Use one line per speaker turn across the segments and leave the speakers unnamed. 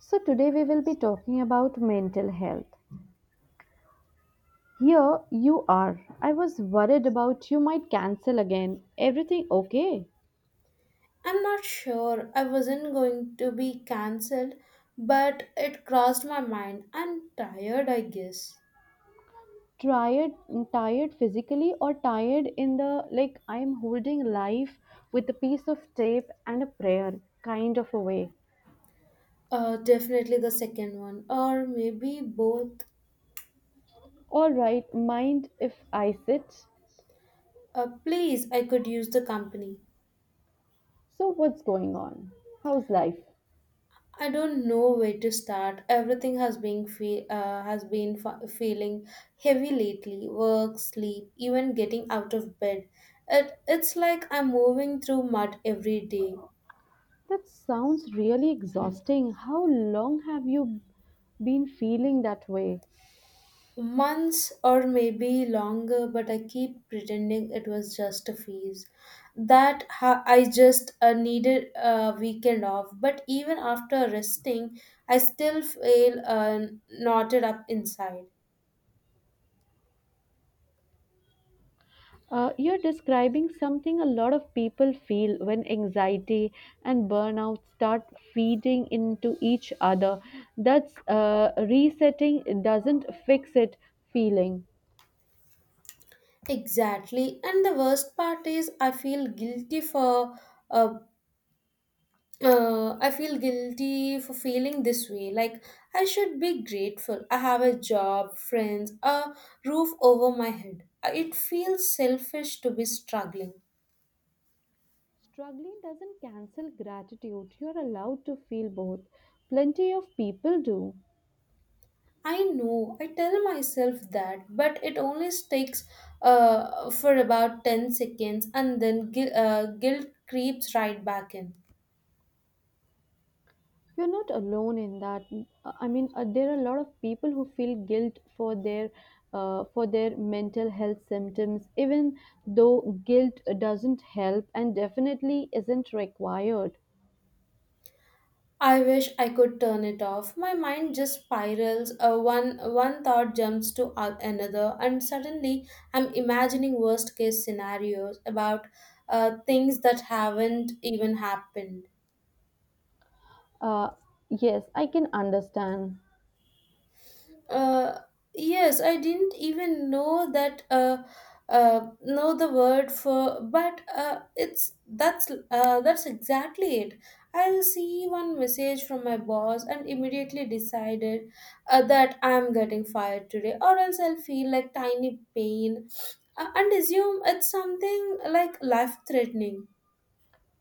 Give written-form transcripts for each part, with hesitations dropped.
So, today we will be talking about mental health. Here you are. I was worried about you might cancel again. Everything okay?
I'm not sure I wasn't going to be cancelled, but it crossed my mind. I'm tired, I guess.
Tired, tired physically or tired in the like I'm holding life with a piece of tape and a prayer kind of a way.
Definitely the second one, or maybe both.
All right, mind if I sit?
Please, I could use the company.
So, what's going on? How's life?
I don't know where to start. Everything has has been feeling heavy lately. Work, sleep, even getting out of bed. It's like I'm moving through mud every day.
That sounds really exhausting. How long have you been feeling that way?
Months or maybe longer, but I keep pretending it was just a phase. I just needed a weekend off. But even after resting, I still feel knotted up inside.
You're describing something a lot of people feel when anxiety and burnout start feeding into each other. That's resetting doesn't fix it feeling.
Exactly. And the worst part is, I feel guilty for uh, I feel guilty for feeling this way. Like, I should be grateful. I have a job, friends, a roof over my head. It feels selfish to be struggling.
Struggling doesn't cancel gratitude. You're allowed to feel both. Plenty of people do.
I know, I tell myself that, but it only sticks for about 10 seconds and then guilt creeps right back in.
You're not alone in that. I mean, there are a lot of people who feel guilt for their mental health symptoms, even though guilt doesn't help and definitely isn't required.
I wish I could turn it off. My mind just spirals. One thought jumps to another, and suddenly I'm imagining worst case scenarios about things that haven't even happened.
Uh, yes, I can understand.
Uh, yes, I didn't even know that know the word for, but it's that's exactly it. I received one message from my boss and immediately decided that I'm getting fired today, or else I'll feel like tiny pain and assume it's something like life threatening.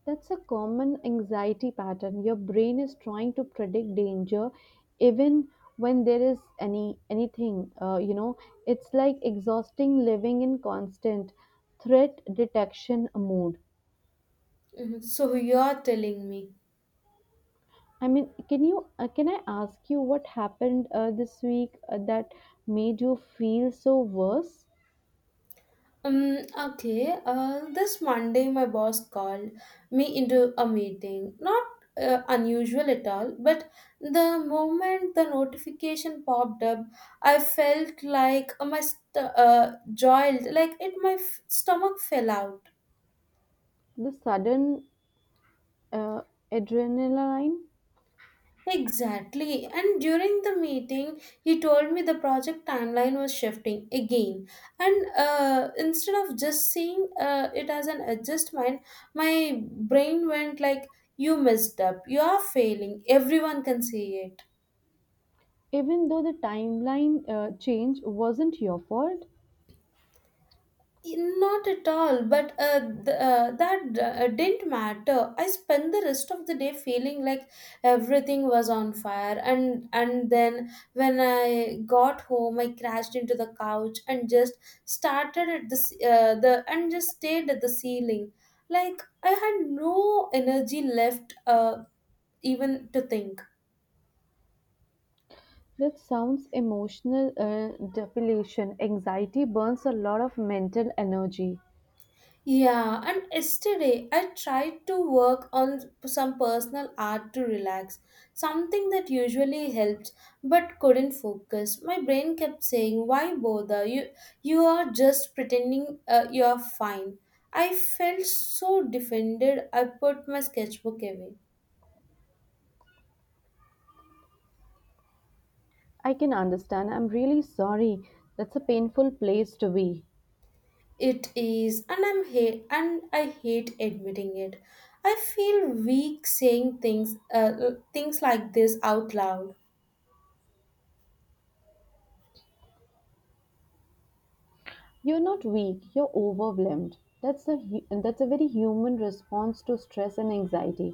That's a common anxiety pattern. Your brain is trying to predict danger, even when there is any anything. It's like exhausting living in constant threat detection mode.
Mhm. So you're telling me.
I mean, can I ask you what happened this week that made you feel so worse?
Okay. This Monday, my boss called me into a meeting. Not unusual at all, but the moment the notification popped up, I felt like joiled, like my stomach fell out.
The sudden uh, adrenaline,
Exactly. And during the meeting, he told me the project timeline was shifting again. And instead of just seeing it as an adjustment, my brain went like, "You messed up. You are failing. Everyone can see it."
even though the timeline change wasn't your fault.
Not at all, but th- that didn't matter. I spent the rest of the day feeling like everything was on fire, and then when I got home, I crashed into the couch and just started at the ce- the and just stayed at the ceiling. Like I had no energy left, even to think.
That sounds emotional depletion. Anxiety burns a lot of mental energy.
Yeah, and yesterday I tried to work on some personal art to relax, something that usually helps but couldn't focus. My brain kept saying, "Why bother? You are just pretending you are fine." I felt so defended. I put my sketchbook away.
I can understand. I'm really sorry. That's a painful place to be.
It is, and I hate admitting it. I feel weak saying things like this out loud.
You're not weak, you're overwhelmed. That's a very human response to stress and anxiety.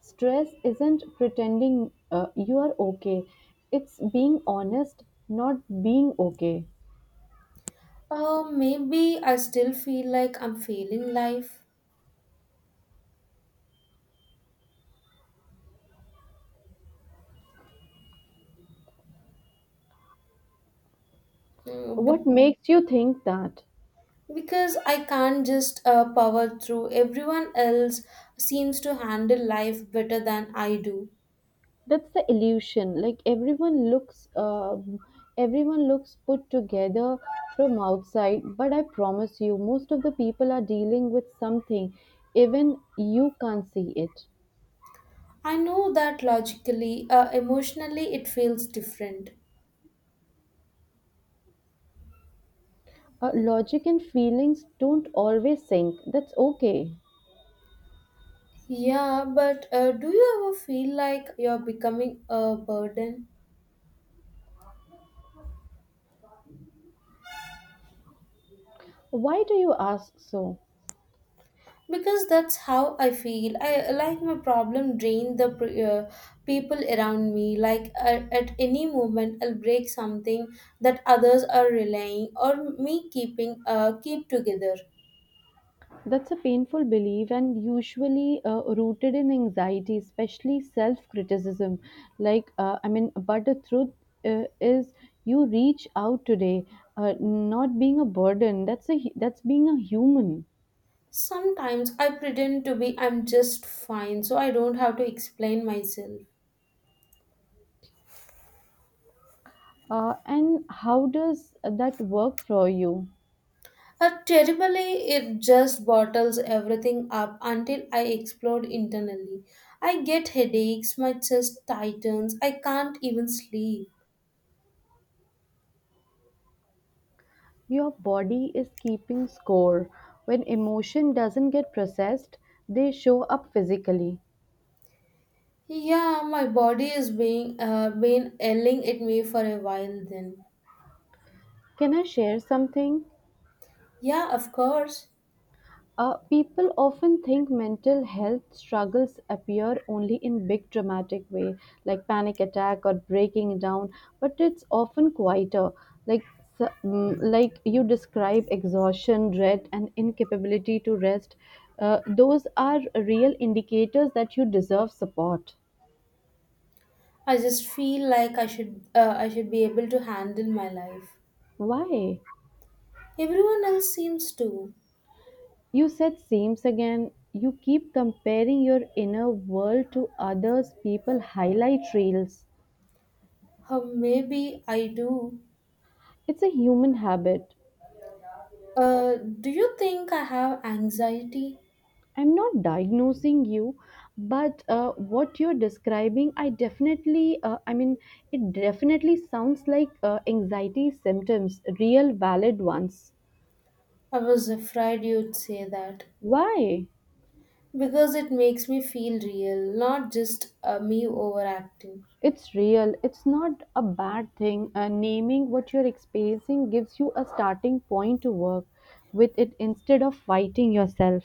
Stress isn't pretending you are okay. It's being honest, not being okay.
Maybe I still feel like I'm failing life. Mm,
What
be-
makes you think that?
because I can't just power through. Everyone else seems to handle life better than I do.
That's the illusion. Like everyone looks put together from outside, but I promise you most of the people are dealing with something even you can't see it.
I know that logically, emotionally, it feels different.
Logic and feelings don't always sync. That's okay.
Yeah, but do you ever feel like you're becoming a burden?
Why do you ask so?
Because that's how I feel. I like my problem drain people around me, like at any moment I'll break something that others are relying or me keeping keep together.
That's a painful belief and usually rooted in anxiety, especially self criticism. Like, I mean, but the truth is, you reach out today, not being a burden. That's being a human.
Sometimes I pretend to be I'm just fine so I don't have to explain myself.
And how does that work for you?
Terribly. It just bottles everything up until I explode internally. I get headaches, my chest tightens, I can't even sleep.
Your body is keeping score. When emotion doesn't get processed, they show up physically.
Yeah, my body is being been ailing at me for a while then.
Can I share something?
Yeah, of course.
People often think mental health struggles appear only in big dramatic way, like panic attack or breaking down, but it's often quieter. Like like you describe exhaustion, dread, and incapability to rest. Those are real indicators that you deserve support.
I just feel like I should be able to handle my life.
Why?
Everyone else seems to.
You said seems again. You keep comparing your inner world to others people highlight reels.
Or maybe I do.
It's a human habit.
Do you think I have anxiety?
I'm not diagnosing you, but what you're describing, I mean, it definitely sounds like anxiety symptoms, real valid ones.
I was afraid you'd say that
Why?
because it makes me feel real, not just me overacting.
It's real. It's not a bad thing. Naming what you're experiencing gives you a starting point to work with it instead of fighting yourself.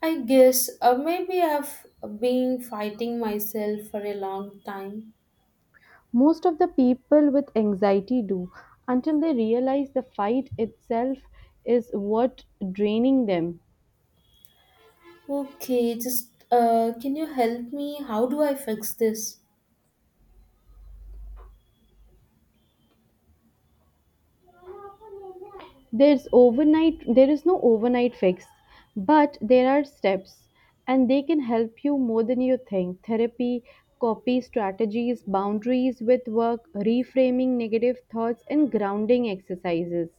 I guess maybe I've been fighting myself for a long time.
Most of the people with anxiety do until they realize the fight itself is what draining them.
Okay, just can you help me? How do I fix this?
There is no overnight fix, but there are steps, and they can help you more than you think. Therapy, copy strategies, boundaries with work, reframing negative thoughts, and grounding exercises.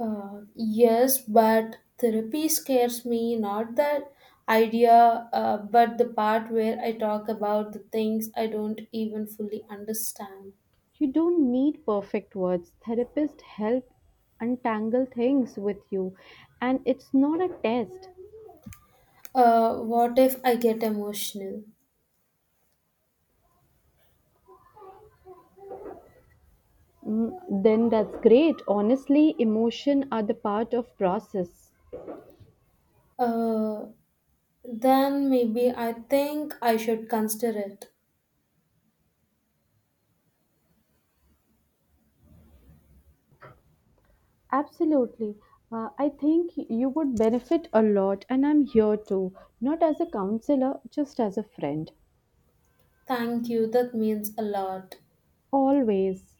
Yes, but therapy scares me, not that idea, but the part where I talk about the things I don't even fully understand.
You don't need perfect words. Therapists help untangle things with you, and it's not a test.
What if I get emotional?
Mm, then that's great. Honestly, emotion are the part of process.
Uh, then maybe I think I should consider it.
Absolutely. I think you would benefit a lot, and I'm here too, not as a counselor, just as a friend.
Thank you, that means a lot.
Always.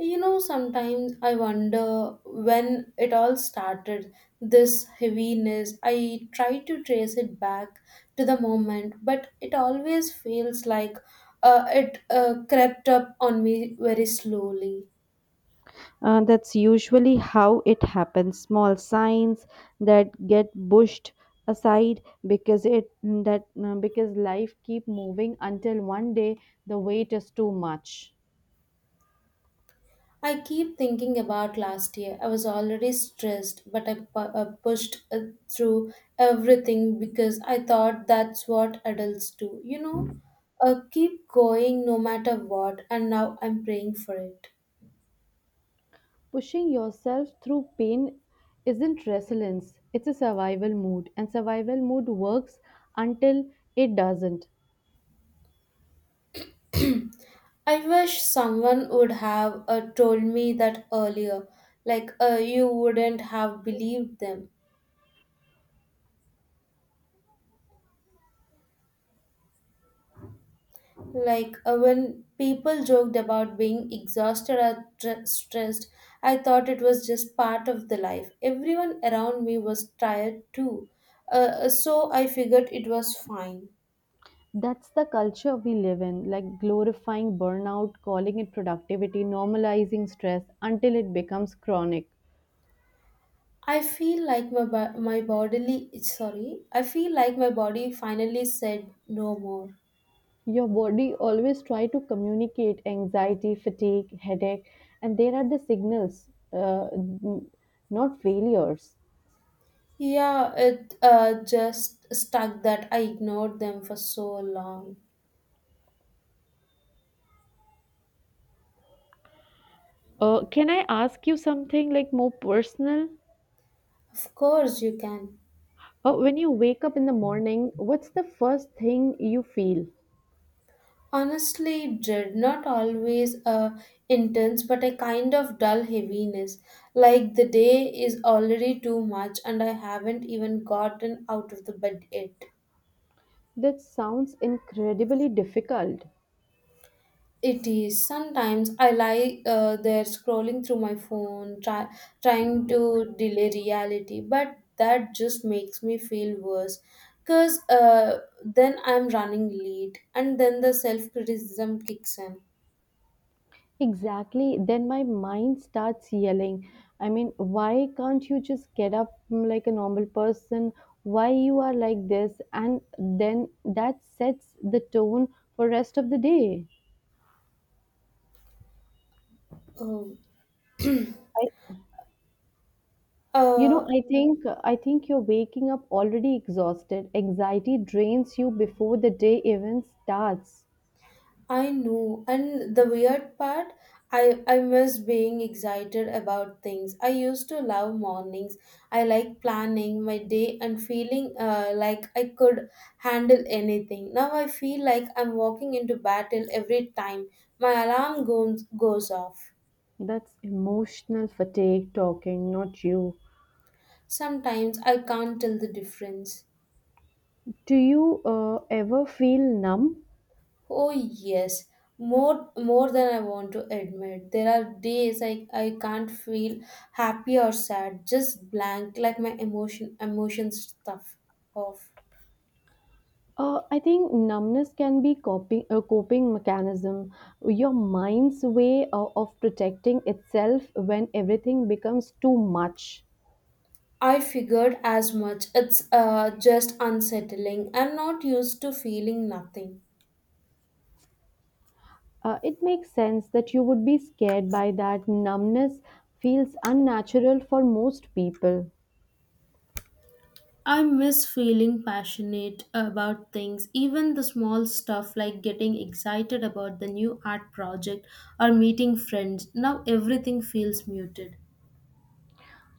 You know, sometimes I wonder when it all started, this heaviness. I try to trace it back to the moment, but it always feels like it crept up on me very slowly.
That's usually how it happens. Small signs that get pushed aside because it that because life keep moving until one day the weight is too much.
I keep thinking about last year. I was already stressed, but I pushed through everything because I thought that's what adults do. You know, keep going no matter what, and now I'm praying for it.
Pushing yourself through pain isn't resilience, it's a survival mood, and survival mood works until it doesn't.
I wish someone would have told me that earlier. Like, you wouldn't have believed them. Like, when people joked about being exhausted or stressed, I thought it was just part of the life. Everyone around me was tired too. So I figured it was fine.
That's the culture we live in, like glorifying burnout, calling it productivity, normalizing stress until it becomes chronic.
I feel like my, bo- my bodily, sorry, I feel like my body finally said no more.
Your body always try to communicate anxiety, fatigue, headache, and there are the signals, not failures.
Yeah, it just stuck that I ignored them for so long.
Can I ask you something like more personal?
Of course, you can.
When you wake up in the morning, what's the first thing you feel?
Honestly, dread not always intense, but a kind of dull heaviness. Like the day is already too much, and I haven't even gotten out of the bed yet.
That sounds incredibly difficult.
It is. Sometimes I lie there scrolling through my phone, trying to delay reality, but that just makes me feel worse because then I'm running late and then the self criticism kicks in.
Exactly. Then my mind starts yelling. I mean, why can't you just get up like a normal person? Why you are like this? And then that sets the tone for rest of the day.
Oh.
I, you know,
Uh,
I think you're waking up already exhausted. Anxiety drains you before the day even starts.
I know. And the weird part, I I miss being excited about things. I used to love mornings. I like planning my day and feeling like I could handle anything. Now I feel like I'm walking into battle every time my alarm goes off.
That's emotional fatigue talking, not you.
Sometimes I can't tell the difference.
Do you ever feel numb?
Oh yes, more than I want to admit. There are I can't feel happy or sad, just blank, like my emotions stuff off.
I think numbness can be coping a coping mechanism, your mind's way of protecting itself when everything becomes too much.
I figured as much. It's just unsettling. I'm not used to feeling nothing.
It makes sense that you would be scared by that. Numbness feels unnatural for most people,
I miss feeling passionate about things, even the small stuff like getting excited about the new art project or meeting friends. Now everything feels muted.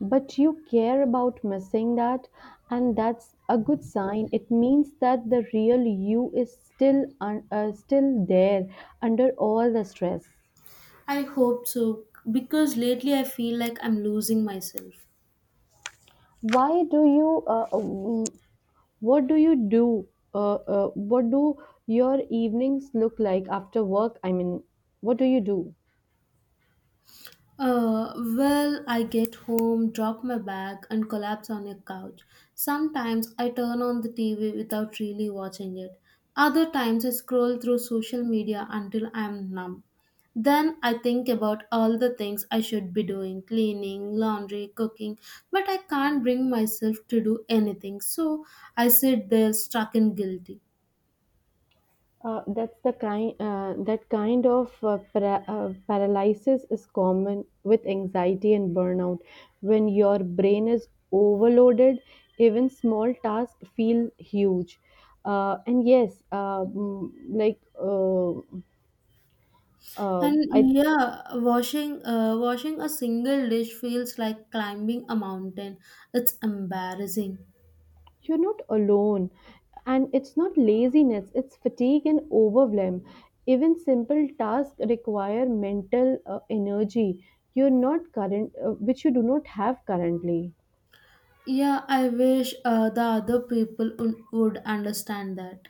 but you care about missing that, and that's a good sign. It means that the real you is still there under all the stress.
I hope so because lately I feel like I'm losing myself.
Why do you? What do you do? What do your evenings look like after work? I mean, what do you do?
Well, I get home, drop my bag, and collapse on a couch. Sometimes I turn on the TV without really watching it. Other times I scroll through social media until I'm numb. Then I think about all the things I should be doing: cleaning, laundry, cooking, but I can't bring myself to do anything. So I sit there stuck and guilty.
That kind of paralysis is common with anxiety and burnout. When your brain is overloaded, even small tasks feel huge. And yes, like
And
I
yeah, washing a single dish feels like climbing a mountain. It's embarrassing.
You're not alone. And it's not laziness, it's fatigue and overwhelm. Even simple tasks require mental energy you're not current which you do not have currently.
Yeah, I wish the other people would understand that.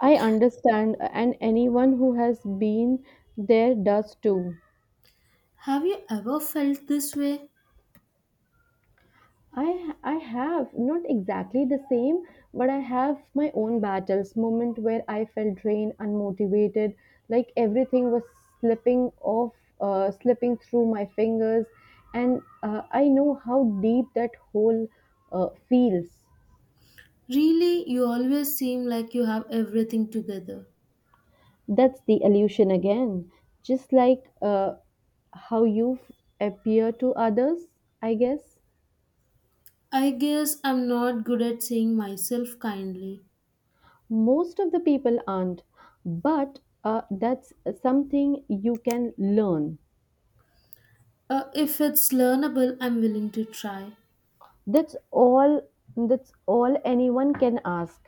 I understand and anyone who has been there does too.
Have you ever felt this way?
I have not exactly the same, but I have my own battles. Moment where I felt drained, unmotivated, like everything was slipping off, slipping through my fingers, and I know how deep that hole feels.
Really, you always seem like you have everything together.
That's the illusion again. Just like how you appear to others, I guess.
I guess I'm not good at seeing myself kindly.
Most of the people aren't, but that's something you can learn.
If it's learnable, I'm willing to try.
That's all. That's all anyone can ask.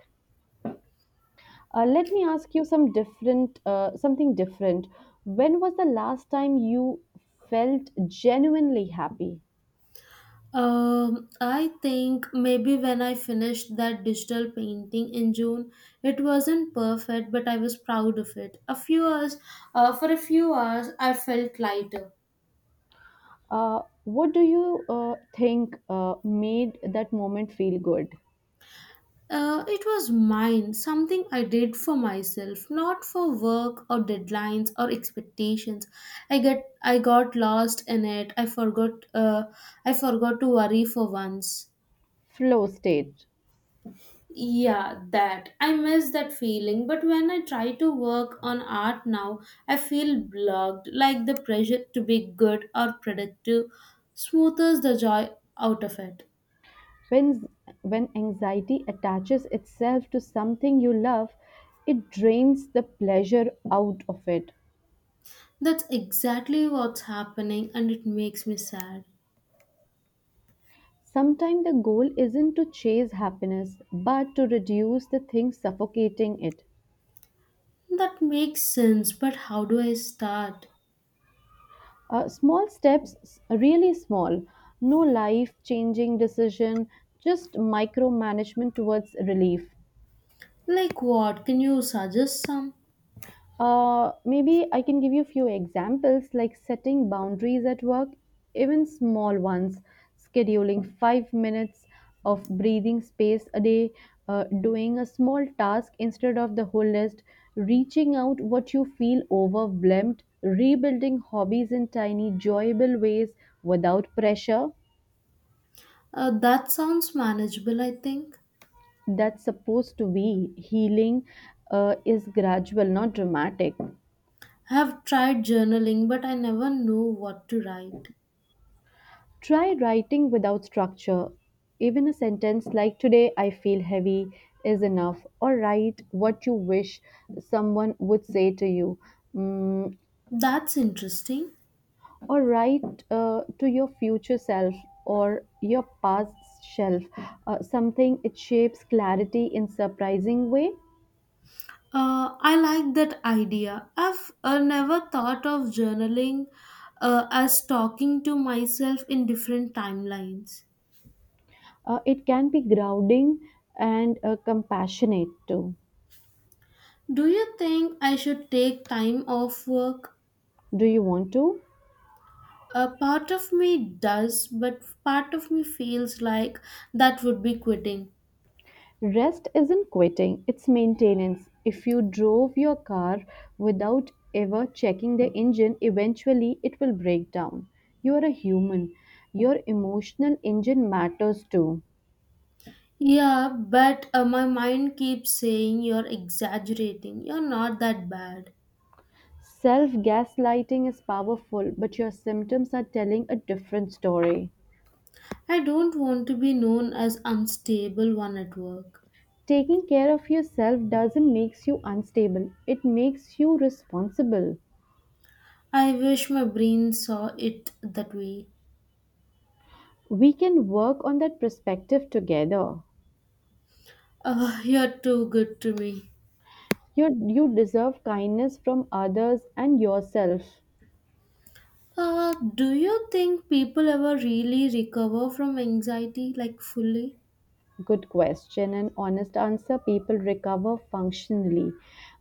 Let me ask you something different. When was the last time you felt genuinely happy?
I think maybe when I finished that digital painting in June, it wasn't perfect, but I was proud of it. For a few hours, I felt lighter.
What do you think made that moment feel good?
It was mine, something I did for myself, not for work or deadlines or expectations. I got lost in it. I forgot to worry for once.
Flow state.
Yeah, that. I miss that feeling, but when I try to work on art now, I feel blocked, like the pressure to be good or productive smoothers the joy out of it.
When, when anxiety attaches itself to something you love, it drains the pleasure out of it.
That's exactly what's happening, and it makes me sad.
Sometimes the goal isn't to chase happiness, but to reduce the thing suffocating it.
That makes sense, but how do I start?
Small steps, really small, no life changing decision, just micromanagement towards relief.
Like what? Can you suggest some?
Maybe I can give you a few examples like setting boundaries at work, even small ones, scheduling 5 minutes of breathing space a day, doing a small task instead of the whole list, reaching out what you feel overwhelmed, rebuilding hobbies in tiny, joyable ways without pressure.
That sounds manageable, I think.
That's supposed to be healing, is gradual, not dramatic.
I have tried journaling, but I never know what to write.
Try writing without structure. Even a sentence like today I feel heavy is enough, or write what you wish someone would say to you, Mm,
That's interesting.
or write to your future self or your past self. Something it shapes clarity in surprising way.
I like that idea. I've never thought of journaling as talking to myself in different timelines.
It can be grounding and compassionate too.
Do you think I should take time off work?
Do you want to?
A part of me does, but part of me feels like that would be quitting.
Rest isn't quitting, it's maintenance. If you drove your car without ever checking the engine, eventually it will break down. You are a human. Your emotional engine matters too.
Yeah, but my mind keeps saying you're exaggerating. You're not that bad.
Self gaslighting is powerful, but your symptoms are telling a different story.
I don't want to be known as unstable one at work.
Taking care of yourself doesn't make you unstable, it makes you responsible.
I wish my brain saw it that way.
We can work on that perspective together.
Ah, you're too good to me.
You deserve kindness from others and yourself.
Do you think people ever really recover from anxiety like fully?
Good question and honest answer. People recover functionally,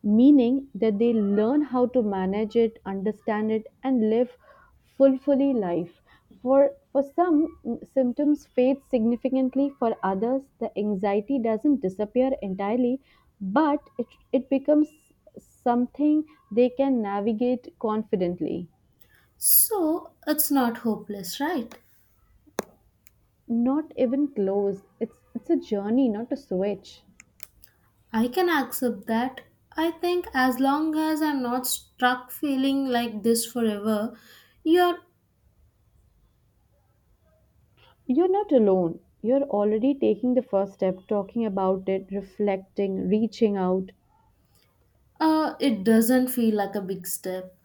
meaning that they learn how to manage it, understand it, and live fully life. For some, symptoms fade significantly. For others, the anxiety doesn't disappear entirely, but it becomes something they can navigate confidently.
So it's not hopeless, right?
Not even close. It's a journey, not a switch.
I can accept that. I think as long as I'm not stuck feeling like this forever, you're,
You're not alone. You're already taking the first step, talking about it, reflecting, reaching out.
it doesn't feel like a big step.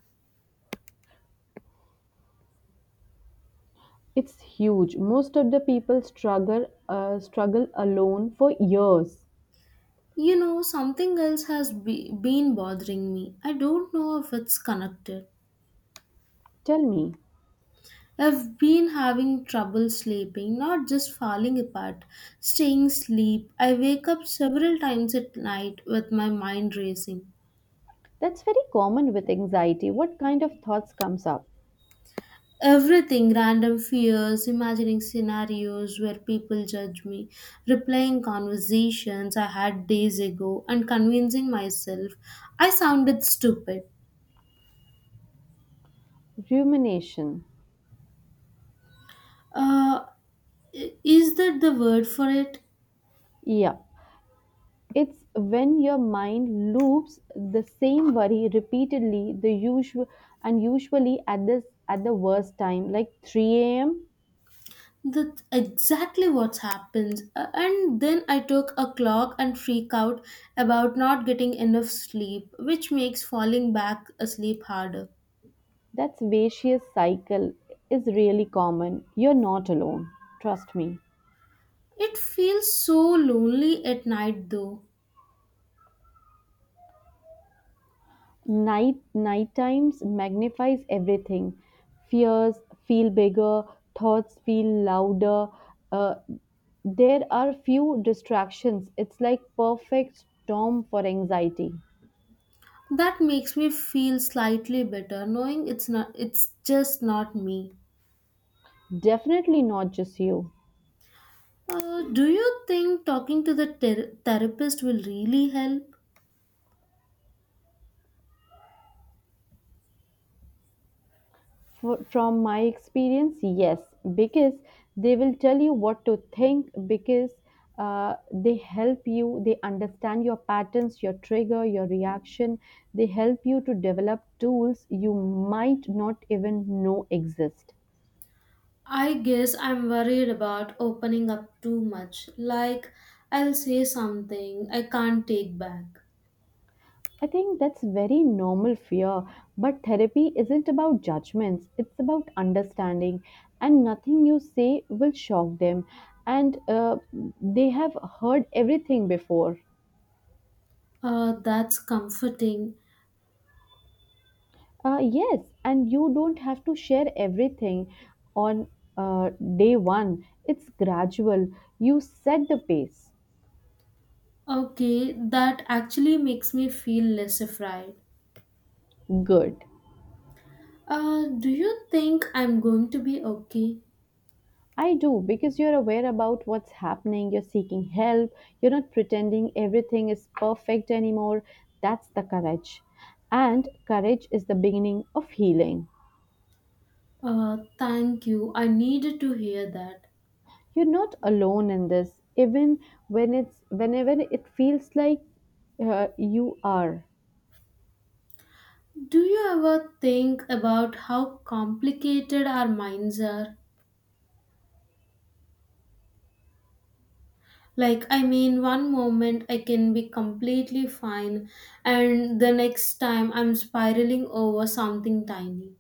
It's huge. Most of the people struggle alone for years.
You know, something else has been bothering me. I don't know if it's connected.
Tell me,
I've been having trouble sleeping, not just falling apart, staying asleep. I wake up several times at night with my mind racing.
that's very common with anxiety. What kind of thoughts comes up?
Everything random fears, imagining scenarios where people judge me, replaying conversations I had days ago, and convincing myself I sounded stupid.
Rumination.
Uh, is that the word for it?
Yeah. It's when your mind loops the same worry repeatedly, the usual and usually at the worst time, like 3 a.m.
That's exactly what happens. And then I took a clock and freak out about not getting enough sleep, which makes falling back asleep harder.
That's vicious cycle is really common. You're not alone. Trust me.
It feels so lonely at night though.
Night times magnifies everything. Fears feel bigger, thoughts feel louder. Uh, there are few distractions. It's like perfect storm for anxiety.
That makes me feel slightly better knowing it's just not me.
Definitely not just you.
Do you think talking to the therapist will really help?
From my experience, yes, because they will tell you what to think, because they help you, they understand your patterns, your trigger, your reaction. They help you to develop tools you might not even know exist.
I guess I'm worried about opening up too much. Like, I'll say something I can't take back.
I think that's very normal fear, but therapy isn't about judgments, it's about understanding, and nothing you say will shock them, and they have heard everything before.
That's comforting.
Yes, and you don't have to share everything on uh, day one, it's gradual. You set the pace.
Okay, that actually makes me feel less afraid.
Good.
Do you think I'm going to be okay?
I do, because you're aware about what's happening, you're seeking help, you're not pretending everything is perfect anymore. That's the courage. And courage is the beginning of healing.
Thank you. I needed to hear that.
You're not alone in this, even when it's whenever it feels like you are.
Do you ever think about how complicated our minds are? Like, I mean, one moment I can be completely fine, and the next time I'm spiraling over something tiny.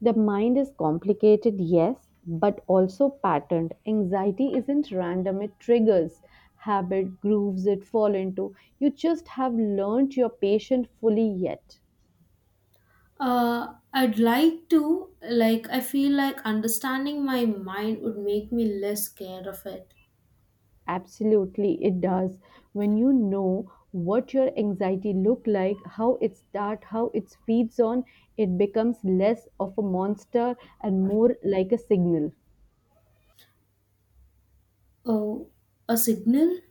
The mind is complicated, yes, but also patterned. Anxiety isn't random, it triggers habit, grooves it fall into. You just have learned you're patient fully yet.
I'd like to, like, I feel like understanding my mind would make me less scared of it.
Absolutely, it does. When you know what your anxiety look like, how it start, how it feeds on, it becomes less of a monster and more like a signal.
Oh, a signal?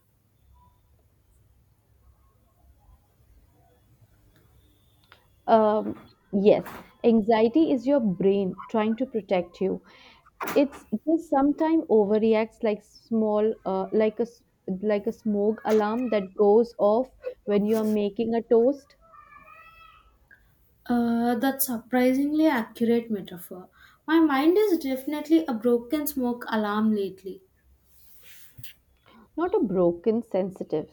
Um, yes, anxiety is your brain trying to protect you. It's just sometimes overreacts like small, like a s- like a smoke alarm that goes off when you are making a toast.
That's surprisingly accurate metaphor. My mind is definitely a broken smoke alarm lately.
Not a broken sensitive.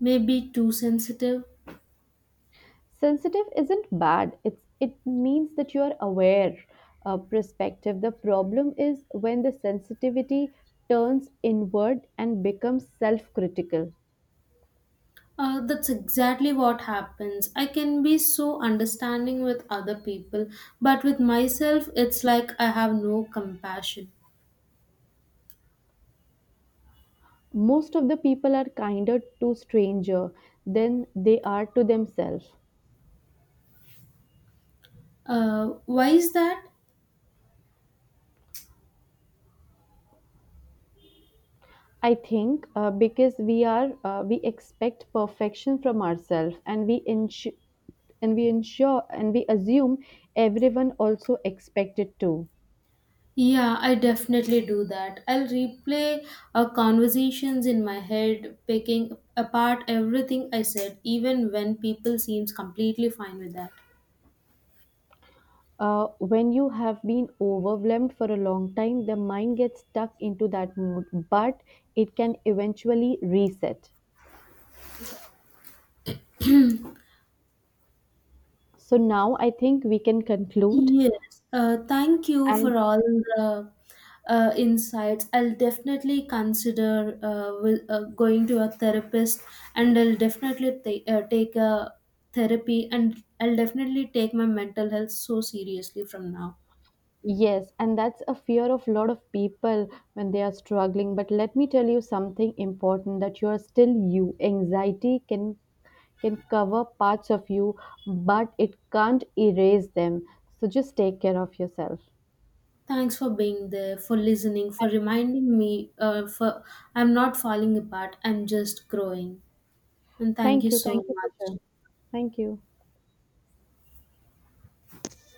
Maybe too sensitive.
Sensitive isn't bad, it means that you are aware, perspective. The problem is when the sensitivity turns inward and becomes self-critical.
That's exactly what happens. I can be so understanding with other people, but with myself, it's like I have no compassion.
Most of the people are kinder to stranger than they are to themselves.
Why is that?
I think because we expect perfection from ourselves and we ensure and we ensure and we assume everyone also expect it too.
Yeah, I definitely do that. I'll replay conversations in my head, picking apart everything I said, even when people seems completely fine with that.
When you have been overwhelmed for a long time, the mind gets stuck into that mood, but it can eventually reset. So now I think we can conclude.
Yes, thank you
And
for all the insights. I'll definitely consider going to a therapist, and I'll definitely take a therapy, and I'll definitely take my mental health so seriously from now.
yes, and that's a fear of a lot of people when they are struggling. But let me tell you something important that you are still you. Anxiety can cover parts of you, but it can't erase them. So just take care of yourself.
Thanks for being there, for listening, for reminding me. For I'm not falling apart. I'm just growing, and thank
Thank
you
you.
so
Thank you for
much.
sharing. Thank you.